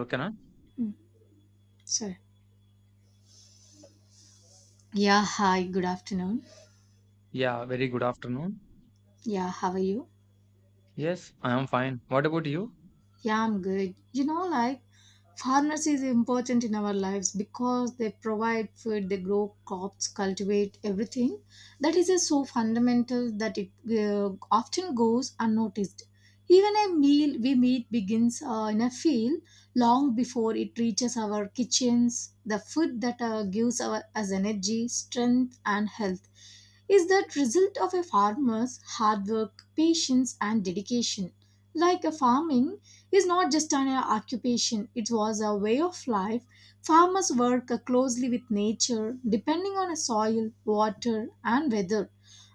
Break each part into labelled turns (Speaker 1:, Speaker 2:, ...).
Speaker 1: Okana?
Speaker 2: Mm, sorry. Yeah, hi, good afternoon.
Speaker 1: Yeah, very good afternoon.
Speaker 2: Yeah, how are you?
Speaker 1: Yes, I am fine. What about you?
Speaker 2: Yeah, I'm good. You know, like farmers is important in our lives because they provide food, they grow crops, cultivate everything. That is just so fundamental that it often goes unnoticed. Even a meal we meet begins in a field long before it reaches our kitchens. The food that gives our, us energy, strength, and health is that result of a farmer's hard work, patience, and dedication. Like a farming is not just an occupation, it was a way of life. Farmers work closely with nature, depending on soil, water, and weather.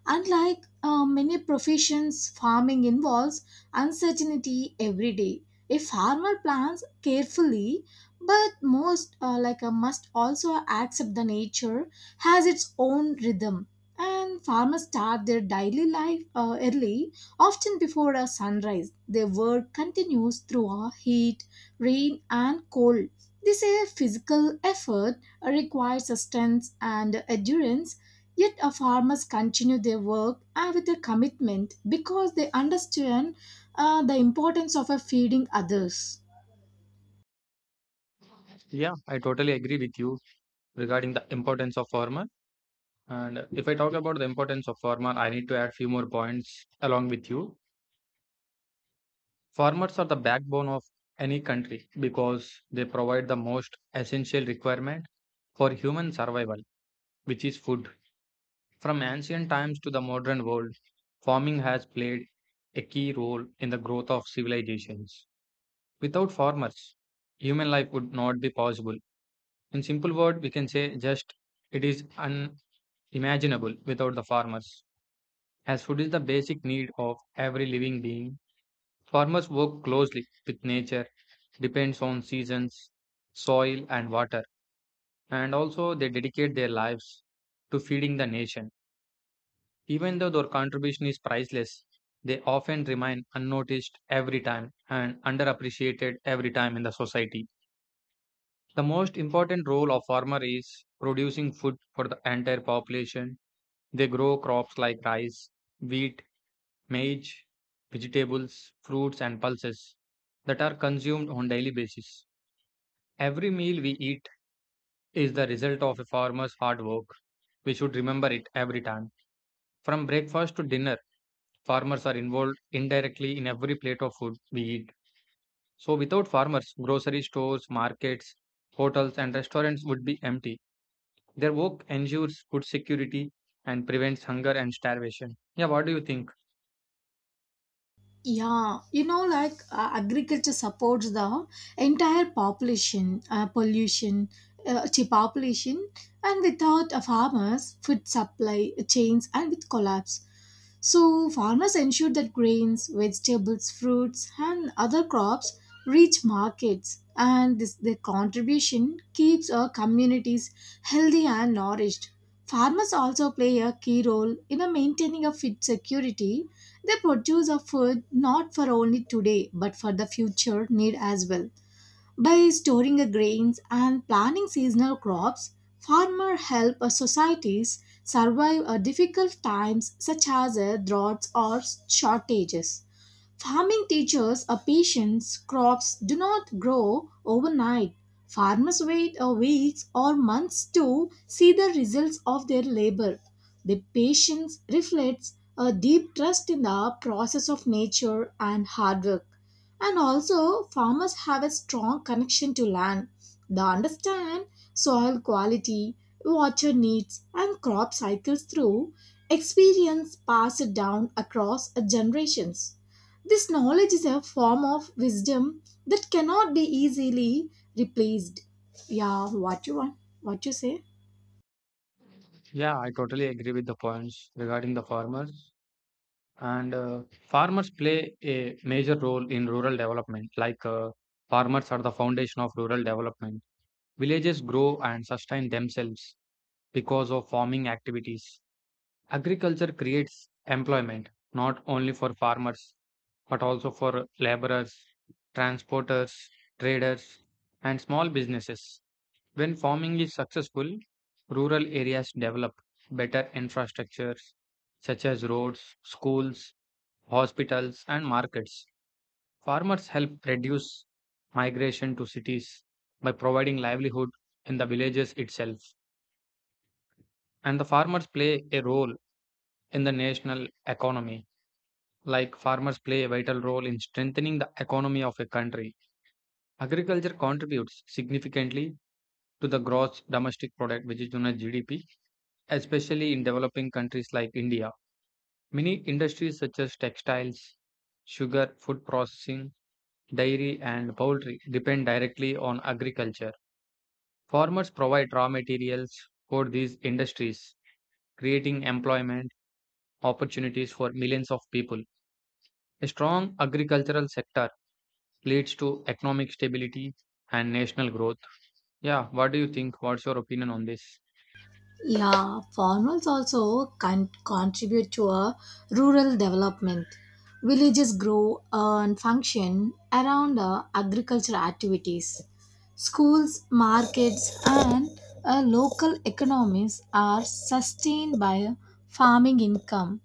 Speaker 2: Unlike many professions, farming involves uncertainty every day. A farmer plans carefully, but most like a must also accept the nature has its own rhythm. And farmers start their daily life early. Often before a sunrise, their work continues through a heat, rain, and cold. This is a physical effort requires strength and endurance. Yet our farmers continue their work with a commitment because they understand the importance of feeding others.
Speaker 1: Yeah, I totally agree with you regarding the importance of farmer. And if I talk about the importance of farmer, I need to add few more points along with you. Farmers are the backbone of any country because they provide the most essential requirement for human survival, which is food. From ancient times to the modern world, farming has played a key role in the growth of civilizations. Without farmers, human life would not be possible. In simple word, we can say just it is unimaginable without the farmers. As food is the basic need of every living being, farmers work closely with nature, depends on seasons, soil and water, and also they dedicate their lives to feeding the nation. Even though their contribution is priceless, they often remain unnoticed every time and underappreciated every time in the society. The most important role of farmer is producing food for the entire population. They grow crops like rice, wheat, maize, vegetables, fruits and pulses that are consumed on daily basis. Every meal we eat is the result of a farmer's hard work. We should remember it every time. From breakfast to dinner, farmers are involved indirectly in every plate of food we eat. So without farmers, grocery stores, markets, hotels and restaurants would be empty. Their work ensures food security and prevents hunger and starvation. Yeah, what do you think?
Speaker 2: Yeah, you know, like agriculture supports the entire population, to population, and without farmers, food supply chains and with collapse. So farmers ensure that grains, vegetables, fruits, and other crops reach markets, and this their contribution keeps our communities healthy and nourished. Farmers also play a key role in maintaining a food security. They produce a food not for only today but for the future need as well. By storing the grains and planting seasonal crops, farmers help our societies survive difficult times such as droughts or shortages. Farming teaches a patience. Crops do not grow overnight. Farmers wait a weeks or months to see the results of their labor. The patience reflects a deep trust in the process of nature and hard work. And also, farmers have a strong connection to land. They understand soil quality, water needs, and crop cycles through experience passed down across generations. This knowledge is a form of wisdom that cannot be easily replaced. Yeah, what you want? What you say?
Speaker 1: Yeah, I totally agree with the points regarding the farmers. And farmers play a major role in rural development. Like farmers are the foundation of rural development. Villages grow and sustain themselves because of farming activities. Agriculture creates employment not only for farmers but also for laborers, transporters, traders, and small businesses. When farming is successful, rural areas develop better infrastructures such as roads, schools, hospitals, and markets. Farmers help reduce migration to cities by providing livelihood in the villages itself. And the farmers play a role in the national economy. Like farmers play a vital role in strengthening the economy of a country. Agriculture contributes significantly to the gross domestic product, which is known as GDP, especially in developing countries like India. Many industries such as textiles, sugar, food processing, dairy, and poultry depend directly on agriculture. Farmers provide raw materials for these industries, creating employment opportunities for millions of people. A strong agricultural sector leads to economic stability and national growth. Yeah, what do you think? What's your opinion on this?
Speaker 2: Yeah, farmers also can contribute to a rural development. Villages grow and function around agricultural activities. Schools, markets, and local economies are sustained by farming income,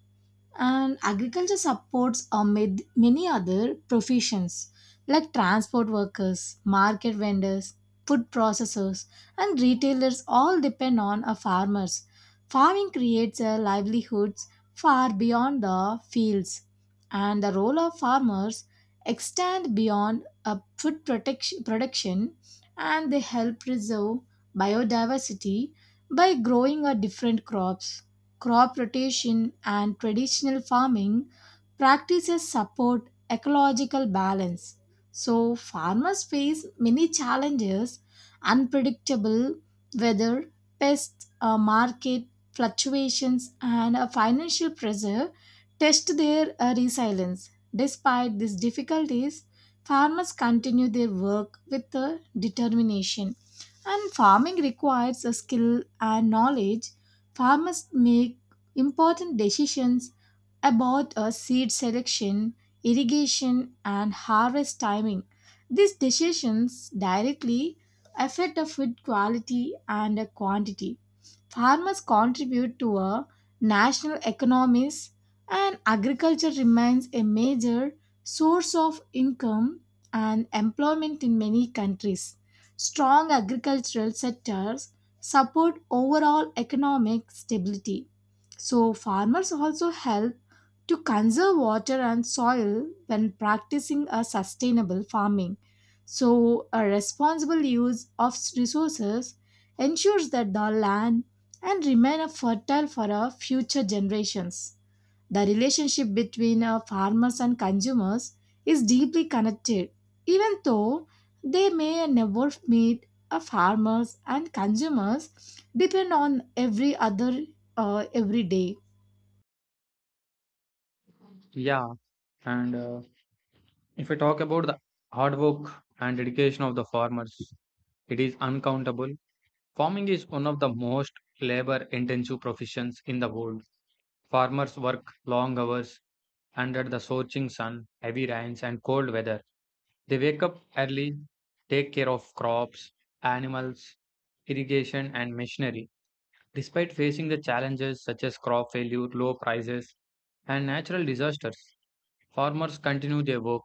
Speaker 2: and agriculture supports many other professions like transport workers, market vendors, food processors, and retailers all depend on farmers. Farming creates livelihoods far beyond the fields, and the role of farmers extend beyond food protection, production, and they help preserve biodiversity by growing different crops, crop rotation, and traditional farming practices support ecological balance. So, farmers face many challenges: unpredictable weather, pests, market fluctuations, and financial pressure test their resilience. Despite these difficulties, farmers continue their work with determination. And farming requires a skill and knowledge. Farmers make important decisions about a seed selection, irrigation, and harvest timing. These decisions directly affect the food quality and the quantity. Farmers contribute to our national economies, and agriculture remains a major source of income and employment in many countries. Strong agricultural sectors support overall economic stability. So, farmers also help to conserve water and soil when practicing a sustainable farming. So, a responsible use of resources ensures that the land and remain fertile for our future generations. The relationship between our farmers and consumers is deeply connected, even though they may never meet. A farmers and consumers depend on every other every day.
Speaker 1: Yeah, and if we talk about the hard work and dedication of the farmers, it is uncountable. Farming is one of the most labor intensive professions in the world. Farmers work long hours under the scorching sun, heavy rains, and cold weather. They wake up early, take care of crops, animals, irrigation, and machinery. Despite facing the challenges such as crop failure, low prices, and natural disasters, farmers continue their work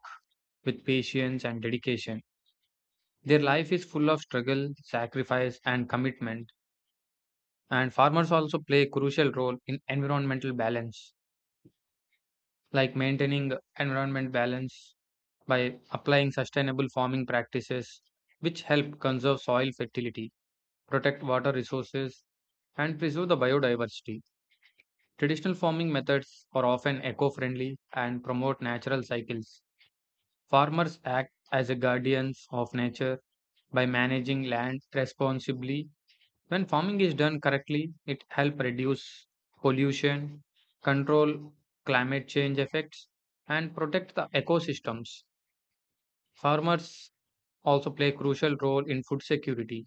Speaker 1: with patience and dedication. Their life is full of struggle, sacrifice, and commitment. And farmers also play a crucial role in environmental balance, like maintaining environment balance by applying sustainable farming practices, which help conserve soil fertility, protect water resources, and preserve the biodiversity. Traditional farming methods are often eco friendly and promote natural cycles. Farmers act as a guardians of nature by managing land responsibly. When farming is done correctly, it helps reduce pollution, control climate change effects, and protect the ecosystems. Farmers also play a crucial role in food security.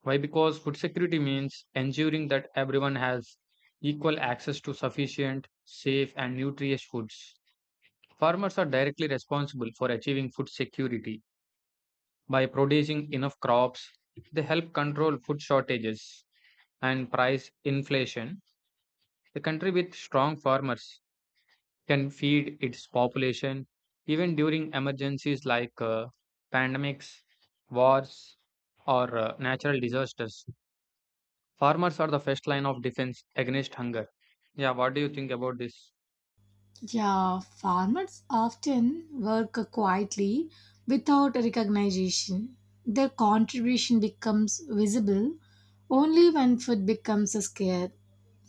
Speaker 1: Why? Because food security means ensuring that everyone has equal access to sufficient, safe, and nutritious foods. Farmers are directly responsible for achieving food security. By producing enough crops, they help control food shortages and price inflation. A country with strong farmers can feed its population even during emergencies like pandemics, wars, or natural disasters. Farmers are the first line of defense against hunger. Yeah, what do you think about this?
Speaker 2: Yeah, farmers often work quietly without recognition. Their contribution becomes visible only when food becomes scarce.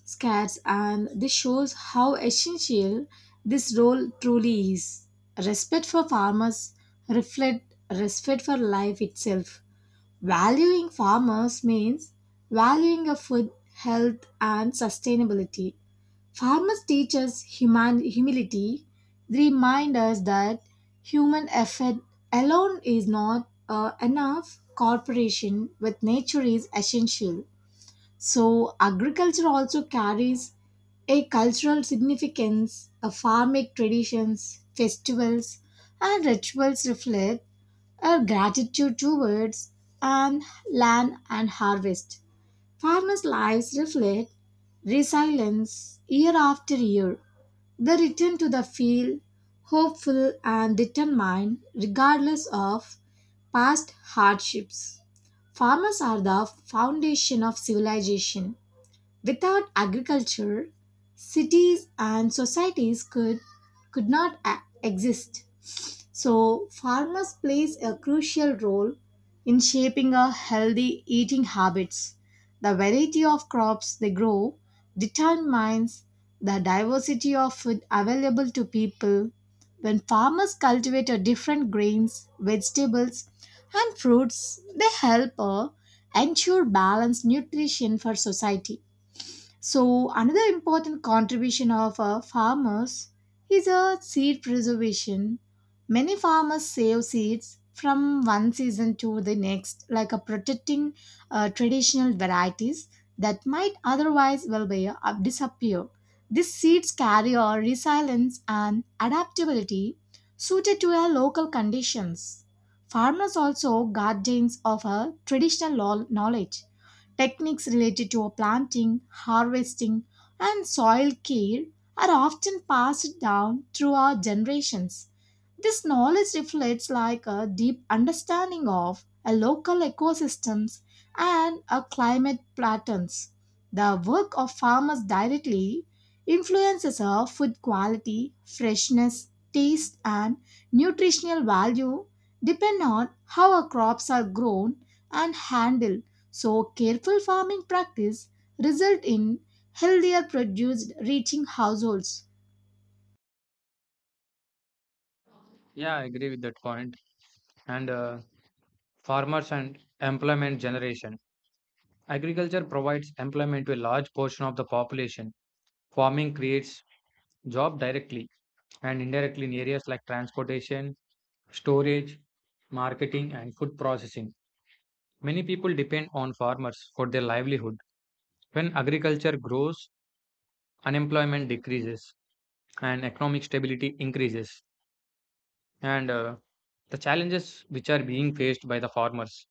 Speaker 2: scarce, and this shows how essential this role truly is. Respect for farmers reflect respect for life itself. Valuing farmers means valuing of food, health, and sustainability. Farmers teach us human humility. They remind us that human effort alone is not enough. Cooperation with nature is essential. So, agriculture also carries a cultural significance. A farmic traditions, festivals, and rituals reflect our gratitude towards and land and harvest. Farmers' lives reflect resilience year after year. They return to the field hopeful and determined regardless of past hardships. Farmers are the foundation of civilization. Without agriculture, cities and societies could not exist. So farmers plays a crucial role in shaping our healthy eating habits. The variety of crops they grow determines the diversity of food available to people. When farmers cultivate a different grains, vegetables, and fruits, they help ensure balanced nutrition for society. So, another important contribution of farmers is seed preservation. Many farmers save seeds from one season to the next, like protecting traditional varieties that might otherwise well be, disappear. These seeds carry a resilience and adaptability suited to our local conditions. Farmers also guardians of our traditional knowledge. Techniques related to planting, harvesting, and soil care are often passed down through our generations. This knowledge reflects like a deep understanding of a local ecosystems and a climate patterns. The work of farmers directly influences our food quality, freshness, taste, and nutritional value depend on how our crops are grown and handled. So careful farming practice result in healthier produce reaching households.
Speaker 1: Yeah, I agree with that point. And farmers and employment generation. Agriculture provides employment to a large portion of the population. Farming creates job directly and indirectly in areas like transportation, storage, marketing, and food processing. Many people depend on farmers for their livelihood. When agriculture grows, unemployment decreases and economic stability increases. And the challenges which are being faced by the farmers.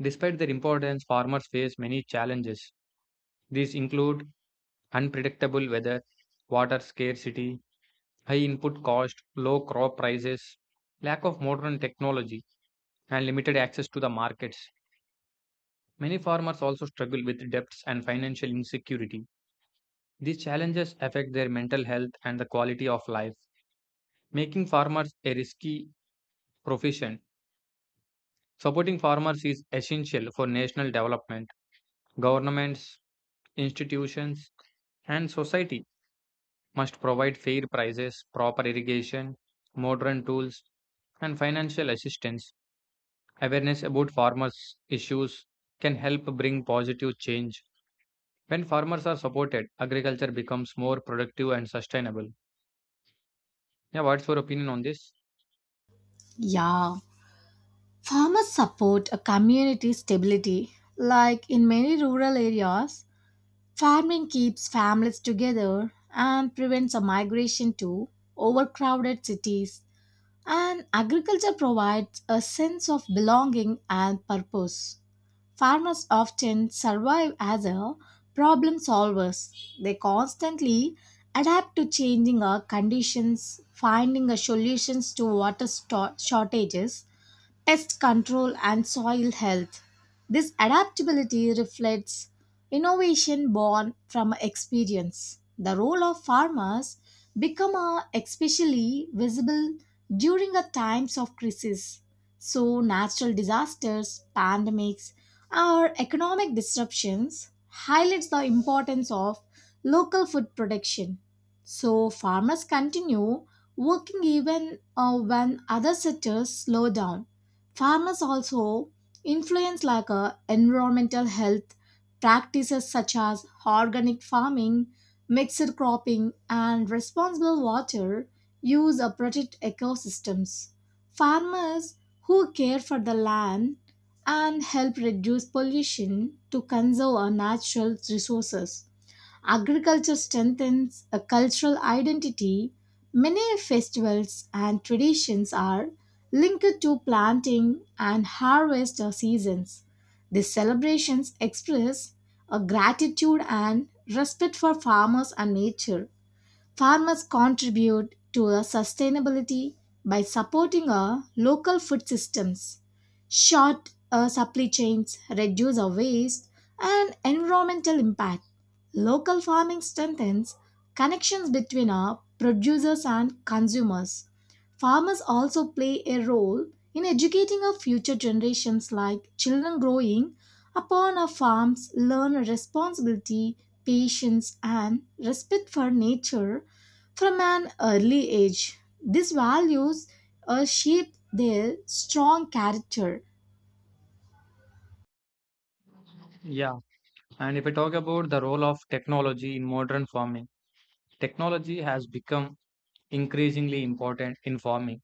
Speaker 1: Despite their importance, farmers face many challenges. These include unpredictable weather, water scarcity, high input cost, low crop prices, lack of modern technology, and limited access to the markets. Many farmers also struggle with debts and financial insecurity. These challenges affect their mental health and the quality of life, making farmers a risky profession. Supporting farmers is essential for national development. Governments, institutions, and society must provide fair prices, proper irrigation, modern tools, and financial assistance. Awareness about farmers' issues can help bring positive change. When farmers are supported, agriculture becomes more productive and sustainable. Yeah, what's your opinion on this?
Speaker 2: Yeah, farmers support a community stability. Like in many rural areas, farming keeps families together and prevents a migration to overcrowded cities. And agriculture provides a sense of belonging and purpose. Farmers often survive as a problem solvers. They constantly adapt to changing conditions, finding solutions to water shortages, pest control, and soil health. This adaptability reflects innovation born from experience. The role of farmers become especially visible during a times of crisis. So natural disasters, pandemics, or economic disruptions highlights the importance of local food production. So farmers continue working even when other sectors slow down. Farmers also influence like environmental health practices such as organic farming, mixed cropping, and responsible water use protect ecosystems. Farmers who care for the land and help reduce pollution to conserve our natural resources. Agriculture strengthens a cultural identity. Many festivals and traditions are linked to planting and harvest seasons. These celebrations express a gratitude and respect for farmers and nature. Farmers contribute to the sustainability by supporting our local food systems. Short supply chains reduce our waste and environmental impact. Local farming strengthens connections between our producers and consumers. Farmers also play a role in educating our future generations, like children growing upon our farms, learn responsibility, patience, and respect for nature from an early age. These values shape their strong character.
Speaker 1: Yeah, and if I talk about the role of technology in modern farming, technology has become increasingly important in farming.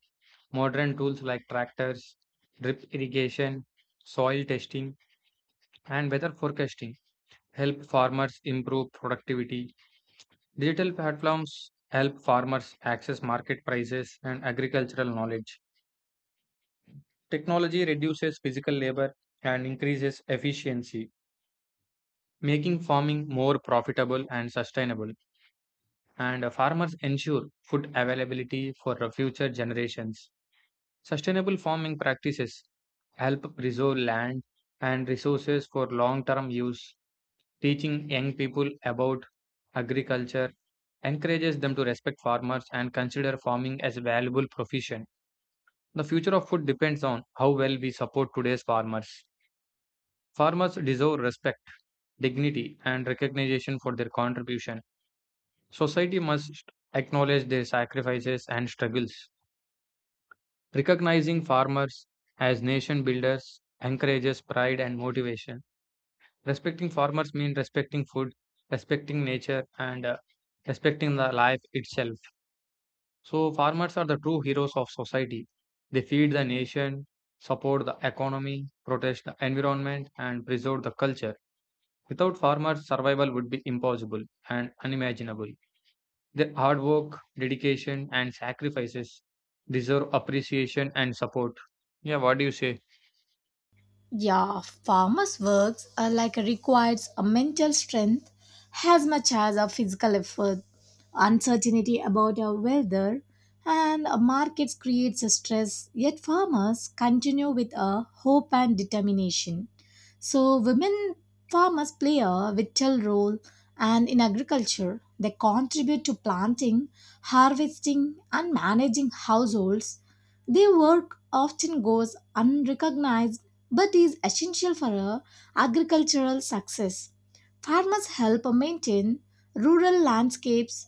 Speaker 1: Modern tools like tractors, drip irrigation, soil testing, and weather forecasting help farmers improve productivity. Digital platforms help farmers access market prices and agricultural knowledge. Technology reduces physical labor and increases efficiency, making farming more profitable and sustainable. And farmers ensure food availability for future generations. Sustainable farming practices help preserve land and resources for long term use. Teaching young people about agriculture encourages them to respect farmers and consider farming as a valuable profession. The future of food depends on how well we support today's farmers. Farmers deserve respect, dignity, and recognition for their contribution. Society must acknowledge their sacrifices and struggles. Recognizing farmers as nation builders encourages pride and motivation. Respecting farmers means respecting food, respecting nature, and respecting the life itself. So, farmers are the true heroes of society. They feed the nation, support the economy, protect the environment, and preserve the culture. Without farmers, survival would be impossible and unimaginable. Their hard work, dedication, and sacrifices deserve appreciation and support. Yeah, what do you say?
Speaker 2: Yeah, farmers' works are like requires a mental strength as much as a physical effort. Uncertainty about our weather and a markets creates a stress, yet farmers continue with a hope and determination. So women farmers play a vital role and in agriculture they contribute to planting, harvesting, and managing households. Their work often goes unrecognized but is essential for a agricultural success. Farmers help maintain rural landscapes,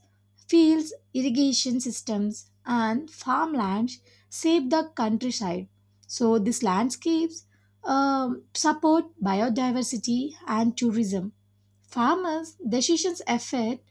Speaker 2: fields, irrigation systems, and farmlands save the countryside. So these landscapes support biodiversity and tourism. Farmers' decisions affect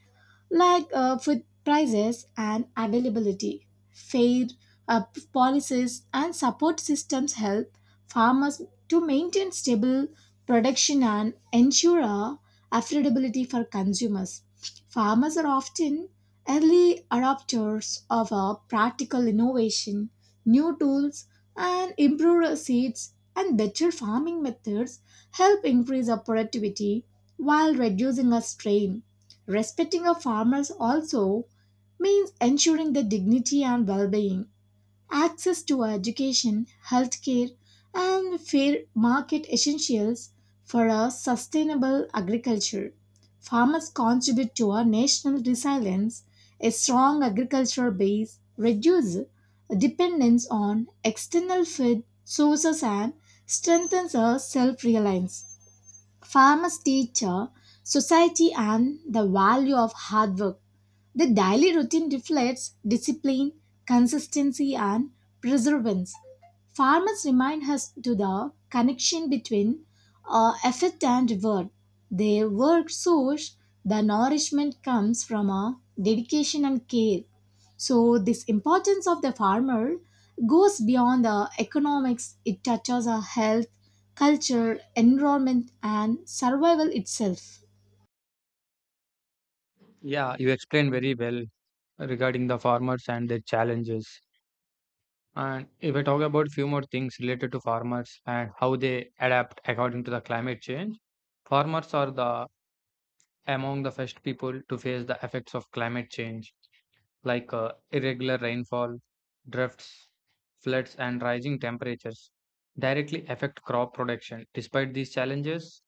Speaker 2: like food prices and availability. Fair uh, policies and support systems help farmers to maintain stable production and ensure affordability for consumers. Farmers are often early adopters of practical innovation, new tools, and improved seeds, and better farming methods help increase our productivity while reducing our strain. Respecting our farmers also means ensuring their dignity and well being, access to education, healthcare, and fair market essentials for a sustainable agriculture. Farmers contribute to our national resilience. A strong agricultural base reduces dependence on external food sources and strengthens our self reliance. Farmers teacher society and the value of hard work. The daily routine reflects discipline, consistency, and perseverance. Farmers remind us to the connection between effort and reward. Their work source the nourishment comes from a dedication and care. So this importance of the farmer goes beyond the economics. It touches our health, culture, environment, and survival itself.
Speaker 1: Yeah, you explained very well regarding the farmers and their challenges. And if I talk about few more things related to farmers and how they adapt according to the climate change, farmers are the among the first people to face the effects of climate change like irregular rainfall, drifts, floods, and rising temperatures, directly affect crop production. Despite these challenges,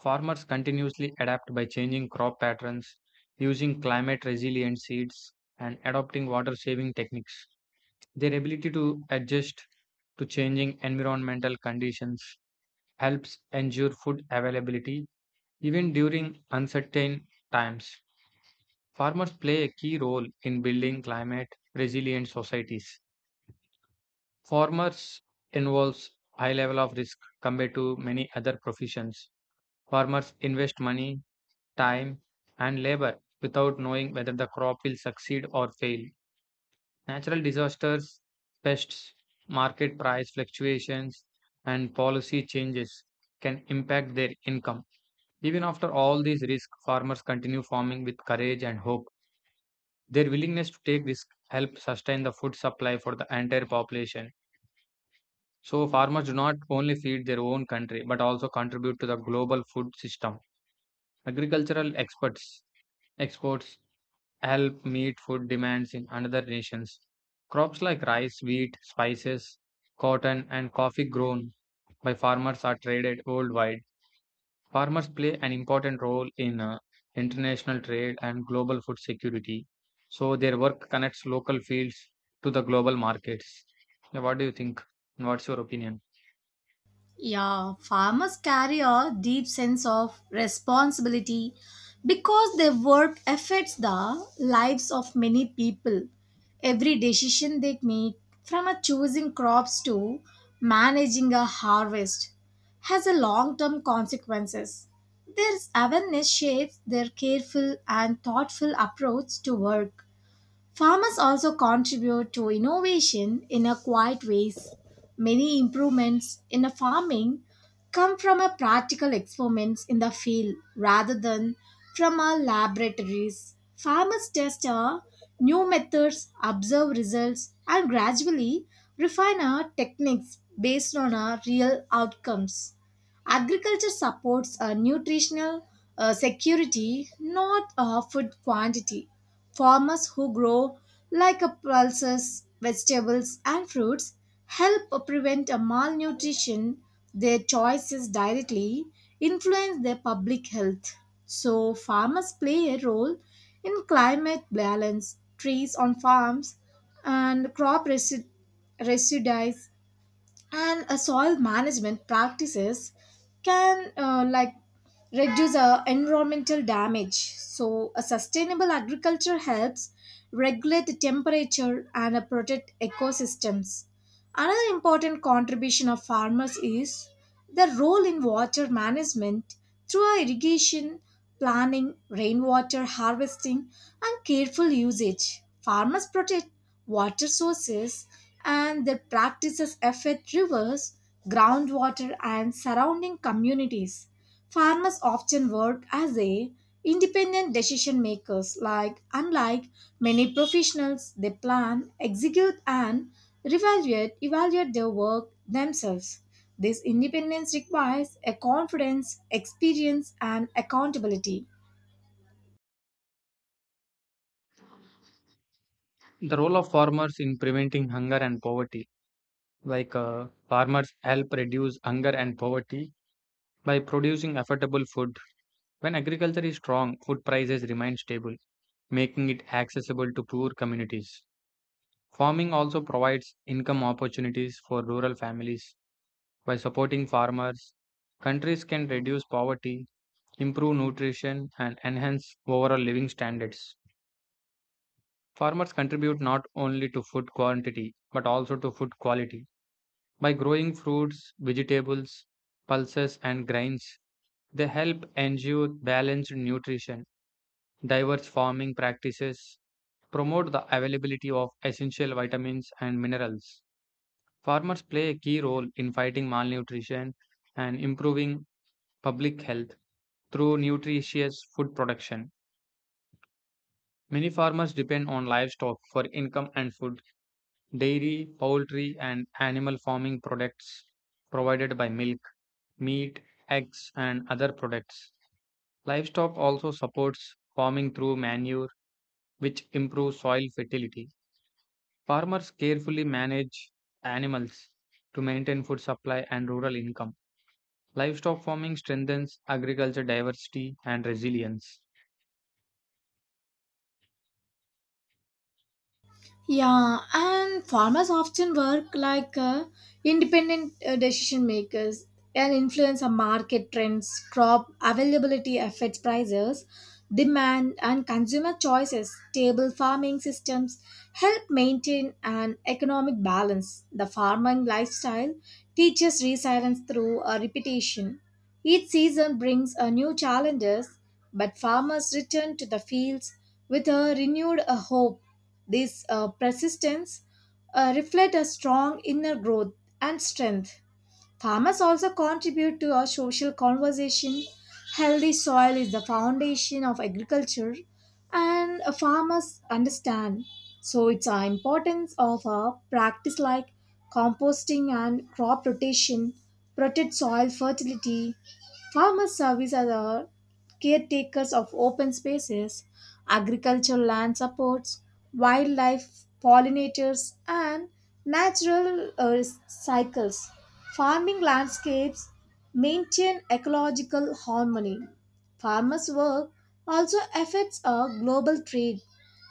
Speaker 1: farmers continuously adapt by changing crop patterns, using climate resilient seeds, and adopting water saving techniques. Their ability to adjust to changing environmental conditions helps ensure food availability even during uncertain times. Farmers play a key role in building climate resilient societies. Farmers involves high level of risk compared to many other professions. Farmers invest money, time, and labor without knowing whether the crop will succeed or fail. Natural disasters, pests, market price fluctuations, and policy changes can impact their income. Even after all these risks, farmers continue farming with courage and hope. Their willingness to take risk helps sustain the food supply for the entire population. So farmers do not only feed their own country but also contribute to the global food system. Agricultural experts exports help meet food demands in other nations. Crops like rice, wheat, spices, cotton and coffee grown by farmers are traded worldwide. Farmers play an important role in international trade and global food security. So their work connects local fields to the global markets. Yeah, what do you think? What's your opinion?
Speaker 2: Yeah, farmers carry a deep sense of responsibility because their work affects the lives of many people. Every decision they make, from a choosing crops to managing a harvest, has a long-term consequences. Their awareness shapes their careful and thoughtful approach to work. Farmers also contribute to innovation in a quiet ways. Many improvements in the farming come from a practical experiments in the field rather than from our laboratories. Farmers test our new methods, observe results, and gradually refine our techniques based on our real outcomes. Agriculture supports a nutritional security, not a food quantity. Farmers who grow like a pulses, vegetables, and fruits help prevent a malnutrition. Their choices directly influence their public health. So, farmers play a role in climate balance. Trees on farms and crop residues and soil management practices can like reduce environmental damage. So a sustainable agriculture helps regulate the temperature and protect ecosystems. Another important contribution of farmers is their role in water management through irrigation planning, rainwater harvesting, and careful usage. Farmers protect water sources, and their practices affect rivers, groundwater, and surrounding communities. Farmers often work as a independent decision makers, like unlike many professionals they plan, execute, and evaluate their work themselves. This independence requires a confidence, experience, and accountability.
Speaker 1: The role of farmers in preventing hunger and poverty. Like farmers help reduce hunger and poverty by producing affordable food. When agriculture is strong, food prices remain stable, making it accessible to poor communities. Farming also provides income opportunities for rural families. By supporting farmers, countries can reduce poverty, improve nutrition, and enhance overall living standards. Farmers contribute not only to food quantity but also to food quality. By growing fruits, vegetables, pulses, and grains, they help ensure balanced nutrition, diverse farming practices, promote the availability of essential vitamins and minerals. Farmers play a key role in fighting malnutrition and improving public health through nutritious food production. Many farmers depend on livestock for income and food. Dairy, poultry, and animal farming products provided by milk meat, eggs, and other products. Livestock also supports farming through manure, which improves soil fertility. Farmers carefully manage animals to maintain food supply and rural income. Livestock farming strengthens agriculture diversity and resilience.
Speaker 2: Yeah, and farmers often work like independent decision makers and influence on market trends. Crop availability affects prices, demand, and consumer choices. Stable farming systems help maintain an economic balance. The farming lifestyle teaches resilience through a repetition. Each season brings a new challenges, but farmers return to the fields with a renewed hope. This persistence reflects a strong inner growth and strength. Farmers also contribute to our social conversation. Healthy soil is the foundation of agriculture, and farmers understand. So, it's our importance of a practice like composting and crop rotation, protect soil fertility. Farmers service as a caretakers of open spaces, agricultural land supports, wildlife, pollinators, and natural cycles. Farming landscapes maintain ecological harmony. Farmers' work also affects our global trade.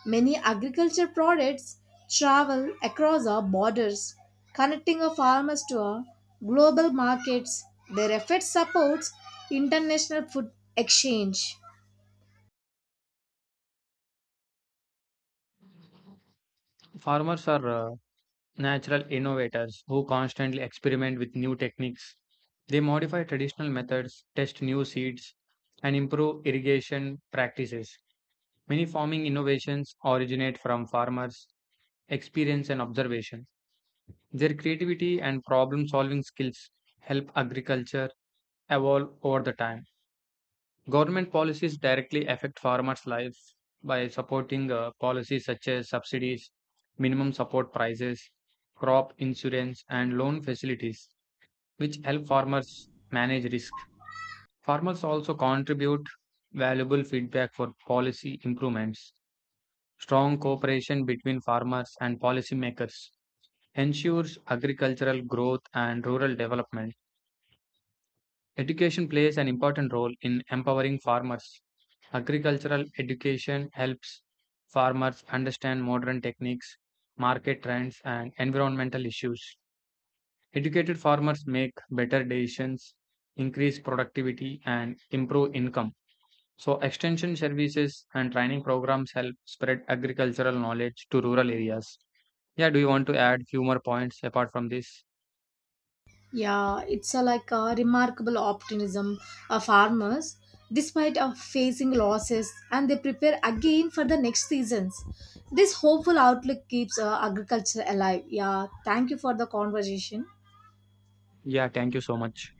Speaker 2: Many agriculture products travel across our borders, connecting our farmers to our global markets. Their effort supports international food exchange.
Speaker 1: Farmers are natural innovators who constantly experiment with new techniques. They modify traditional methods, test new seeds, and improve irrigation practices. Many farming innovations originate from farmers' experience and observation. Their creativity and problem solving skills help agriculture evolve over the time. Government policies directly affect farmers' lives by supporting policies such as subsidies, minimum support prices, crop insurance, and loan facilities, which help farmers manage risk. Farmers also contribute valuable feedback for policy improvements. Strong cooperation between farmers and policymakers ensures agricultural growth and rural development. Education plays an important role in empowering farmers. Agricultural education helps farmers understand modern techniques, market trends, and environmental issues. Educated farmers make better decisions, increase productivity, and improve income. So, extension services and training programs help spread agricultural knowledge to rural areas. Yeah, do you want to add few more points apart from this?
Speaker 2: Yeah, it's a, like a remarkable optimism of farmers despite of facing losses, and they prepare again for the next seasons. This hopeful outlook keeps agriculture alive. Yeah, thank you for the conversation.
Speaker 1: Yeah, thank you so much.